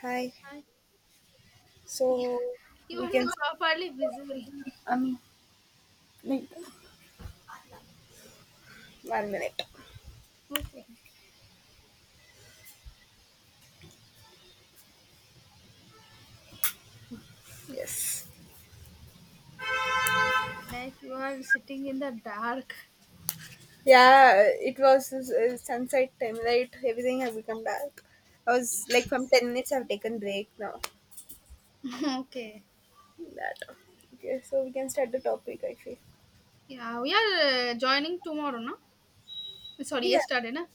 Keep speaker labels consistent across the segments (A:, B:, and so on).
A: Hi.
B: Hi.
A: So
B: You
A: we
B: are not
A: can.
B: properly visible.
A: Um. 1 minute.
B: Okay.
A: Yes.
B: Like you are sitting in the dark.
A: Yeah. It was sunset time. Right. Everything have become dark. I was like from 10 minutes. I've taken break now.
B: okay.
A: That. Okay. So we can start the topic. I feel.
B: Yeah, we are joining tomorrow, no? Sorry,
A: Yeah.
B: yesterday, na?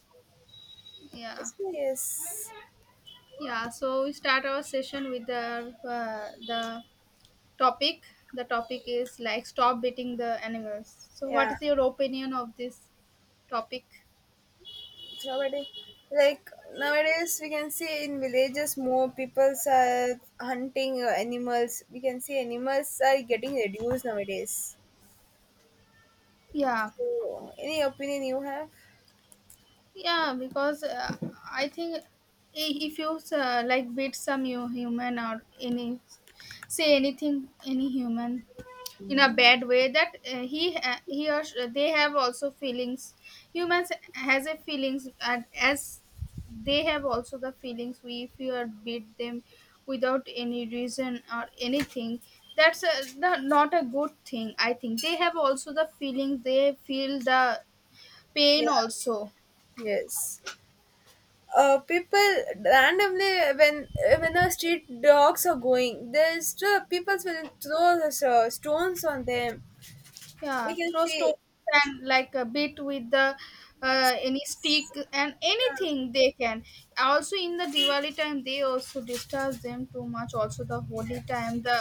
B: Yeah.
A: Yes.
B: Yeah, so we start our session with the topic. The topic is like stop beating the animals. So what
A: Yeah.
B: is your opinion of this topic?
A: It's already like nowadays we can see in villages more peoples are hunting animals. We can see animals are getting reduced nowadays.
B: Yeah.
A: So any opinion you have?
B: Yeah, because I think if you like beat some you human or any say anything any human in a bad way that he ha- he or sh- they have also feelings. Humans has a feelings, and as they have also the feelings, we, if you are beat them without any reason or anything, that's not a good thing. I think they have also the feelings, they feel the pain also.
A: Yes. People randomly when the street dogs are going, there's the people will throw the stones on them.
B: Yeah,
A: We can
B: throw
A: see.
B: stones and like a bit with the any stick and anything they can. Also in the Diwali time, they also disturb them too much. Also the holy
A: Yeah,
B: time,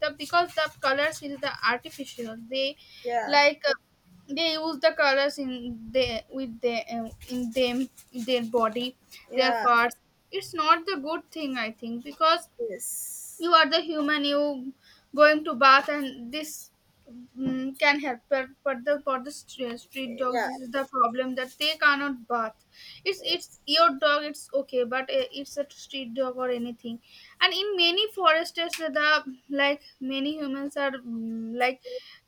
B: the because the colors is the artificial.
A: yeah,
B: Like uh, they use the colors in they with the in them in their body, their
A: yeah.
B: parts. It's not the good thing, I think, because
A: Yes,
B: you are the human, you going to bath, and this can help, but the for the stre- street dogs,
A: yeah,
B: this is the problem that they cannot bath. It's
A: yes,
B: your dog, it's okay, but it's a street dog or anything. And in many forests, the like many humans are mm, like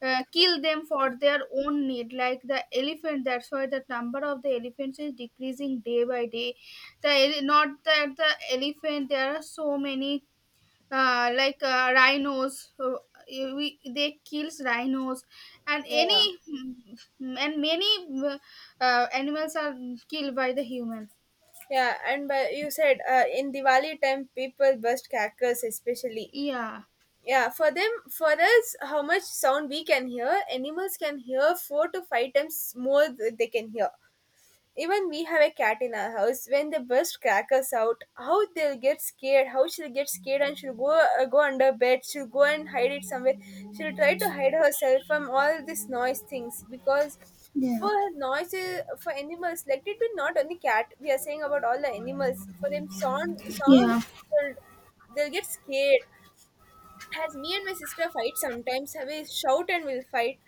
B: uh, kill them for their own need, like the elephant. That's why the number of the elephants is decreasing day by day. Not that the elephant, there are so many rhinos, they kills rhinos and
A: yeah,
B: many uh, animals are killed by the human.
A: yeah. And but you said in Diwali time, people burst crackers, especially.
B: Yeah.
A: Yeah, for them, for us, how much sound we can hear, animals can hear four to five times more they can hear. Even we have a cat in our house. When they burst crackers out, how they'll get scared, how she'll get scared and she'll go go under bed, she'll go and hide it somewhere. She'll try to hide herself from all these noise things because
B: Yeah.
A: for noises for animals, like it be not only cat. We are saying about all the animals. For them, sound
B: Yeah,
A: they'll, they'll get scared. As me and my sister fight sometimes, we shout and we'll fight.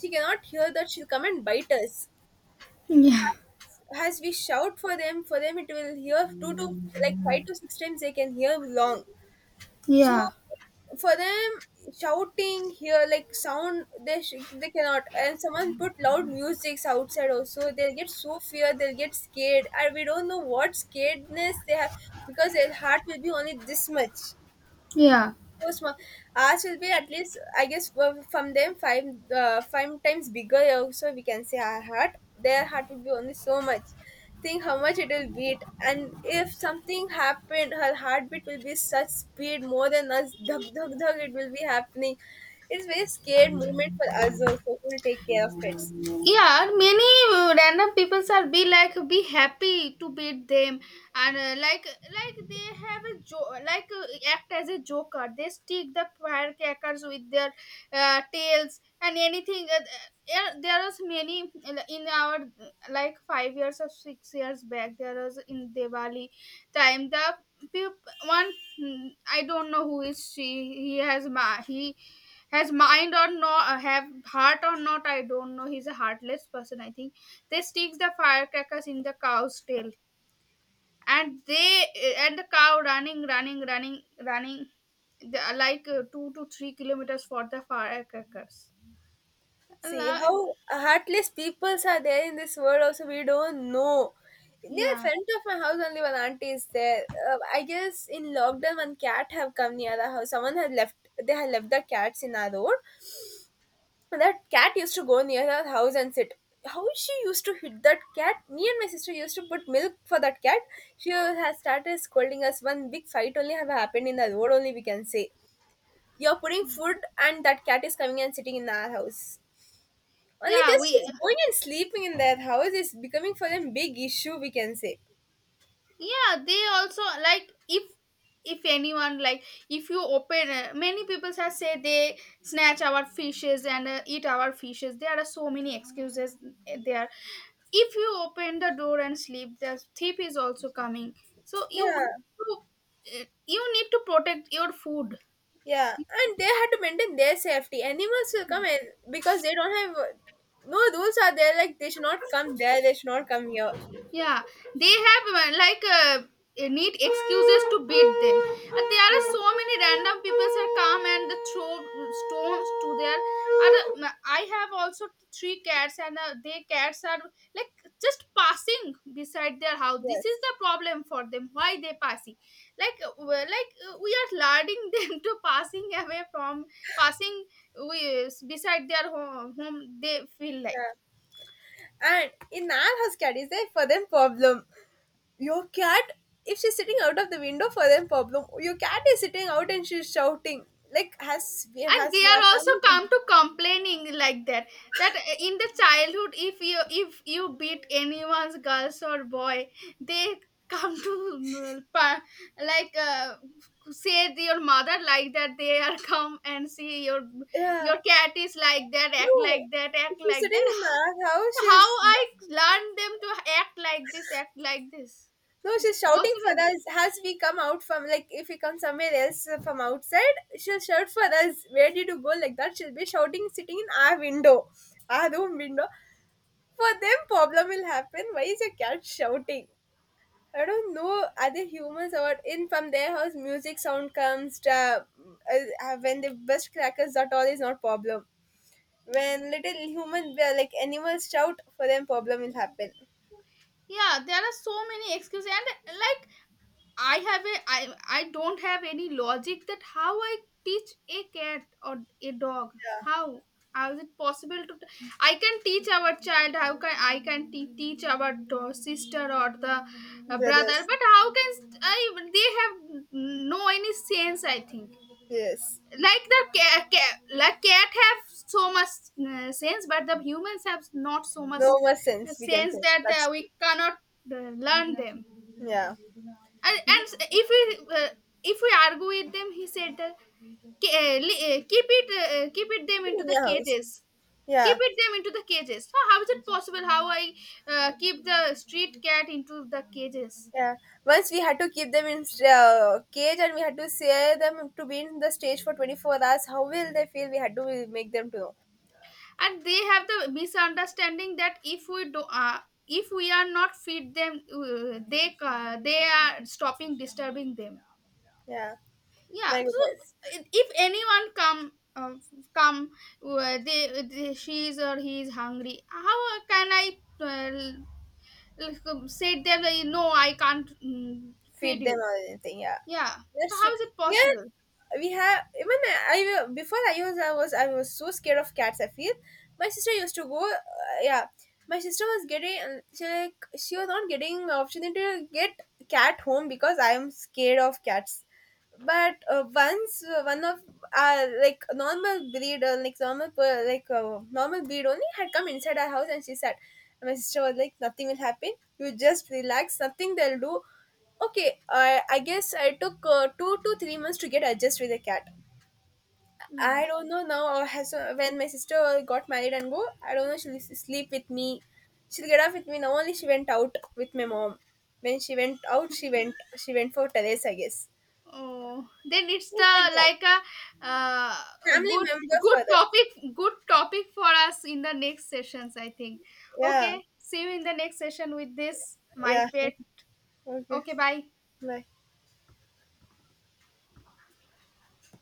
A: She cannot hear that she'll come and bite us.
B: yeah,
A: As we shout for them it will hear two to like five to six times they can hear long. So
B: yeah,
A: for them shouting here like sound they they cannot and someone put loud musics outside also they'll get so fear they'll get scared and we don't know what scaredness they have because their heart will be only this much
B: yeah,
A: course, ours will be at least, I guess, well, from them five times bigger. Also, we can say our heart. Their heart will be only so much. Think how much it will beat, and if something happened, her heartbeat will be such speed more than us. Dhug dhug dhug. It will be happening. It's very scared moment for us also who will take care of pets.
B: yeah. Many random people are be happy to beat them, and they have a jo- like act as a joker. They stick the firecrackers with their tails and anything. Yeah, there was many in our like 5 years or 6 years back. There was in Diwali time, one. I don't know who is she. He has mind or not, have heart or not. I don't know. He's a heartless person. I think they stick the firecrackers in the cow's tail, and the cow running, running, running, running, the, like 2 to 3 kilometers for the firecrackers.
A: See
B: La-
A: how heartless peoples are there in this world. Also, we don't know. Near
B: Yeah,
A: front of my house, only one auntie is there. I guess in lockdown, one cat have come near the house. Someone had left. They had left the cats in our road. And that cat used to go near our house and sit. How she used to hit that cat? Me and my sister used to put milk for that cat. She has started scolding us. One big fight only have happened in the road. Only we can say you're putting food and that cat is coming and sitting in our house. Only
B: yeah.
A: just
B: We
A: she's going and sleeping in that house is becoming for them big issue, we can say.
B: yeah they also like, if, anyone like, if you open, many people have said they snatch our fishes and eat our fishes. There are so many excuses there. If you open the door and sleep, the thief is also coming, so you,
A: Yeah,
B: you need to protect your food.
A: yeah. And they had to maintain their safety. Animals will come and because they don't have no rules are there like they should not come there, they should not come here.
B: Yeah, they have neat excuses to beat them. There are so many random people that come and throw stones to their. And I have also three cats, and their cats are like just passing beside their house. This is
A: Yes.
B: the problem for them. Why they passing? We are luring them to passing away from passing, beside their home. They feel like.
A: Yeah. And in our house cat is there for them problem. Your cat if she's sitting out of the window for them problem. Your cat is sitting out and she's shouting. Like has we
B: And
A: has
B: they
A: our
B: are also
A: family.
B: come to complaining like that, in the childhood, if you beat anyone's girls or boy, they come to like uh, say to your mother like that. They are come and see your
A: Yeah.
B: cat is like that, act like
A: No,
B: that, act
A: she's
B: like
A: sitting
B: that.
A: in the house.
B: So how
A: She's
B: I learn them to act like this, act like this?
A: no,
B: Is it
A: she's shouting for
B: possible?
A: us as we come out from like if we come somewhere else from outside, she'll shout for us. Where did you go? Like that, she'll be shouting, sitting in our window, our room window. For them, problem will happen. Why is a cat shouting? I don't know other humans or what. In from their house music sound comes when they burst crackers that all is not problem. When little human like animals shout for them problem will happen.
B: Yeah, there are so many excuses, and like I don't have any logic that how I teach a cat or a dog. How how is it possible to? I can teach our child. How can teach our sister or the brother?
A: Brothers.
B: But how can I? They have no any sense. I think,
A: Yes.
B: like, the cat have so much sense, but the humans have not so much
A: No more sense, we can
B: sense
A: say.
B: that
A: That's true.
B: we cannot learn them.
A: Yeah.
B: And we uh, if we argue with them, he said, "Keep it keep it them
A: Keep it
B: into
A: in
B: the
A: your house.
B: cages, keep
A: Yeah.
B: it them into the cages." So how is it possible? How I keep the street cat into the cages?
A: Yeah. Once we had to keep them in cage and we had to say them to be in the stage for 24 hours. How will they feel? We had to make them to know.
B: And they have the misunderstanding that if we are not feed them, they are stopping disturbing them.
A: Yeah.
B: Yeah.
A: My
B: So
A: goodness.
B: if anyone come, come they, she is or he is hungry. How can I say them like, no, I can't feed
A: Feed them
B: you.
A: or anything. Yeah,
B: Yeah. So
A: that's true.
B: how is it
A: Here
B: possible?
A: we have even before I was so scared of cats. I feel my sister used to go. Yeah, my sister was getting she like she was not getting opportunity to get cat home because I am scared of cats. But once one of like normal breed like normal like normal breed only had come inside our house and she said, and my sister was like, nothing will happen. You just relax. Nothing they'll do. Okay, I guess I took 2 to 3 months to get adjusted with a cat.
B: Yeah.
A: I don't know now. Has when my sister got married and go, I don't know. She'll sleep with me. She'll get up with me. Now only she went out with my mom. When she went out, she went for terrace. I guess
B: Oh, then it's
A: it's
B: the
A: like that.
B: like uh, a
A: Family
B: good,
A: member
B: good
A: for that.
B: topic, good topic for us in the next sessions, I think.
A: Yeah,
B: Okay. See you in the next session with this, my
A: yeah.
B: pet.
A: Okay,
B: Okay, bye.
A: bye.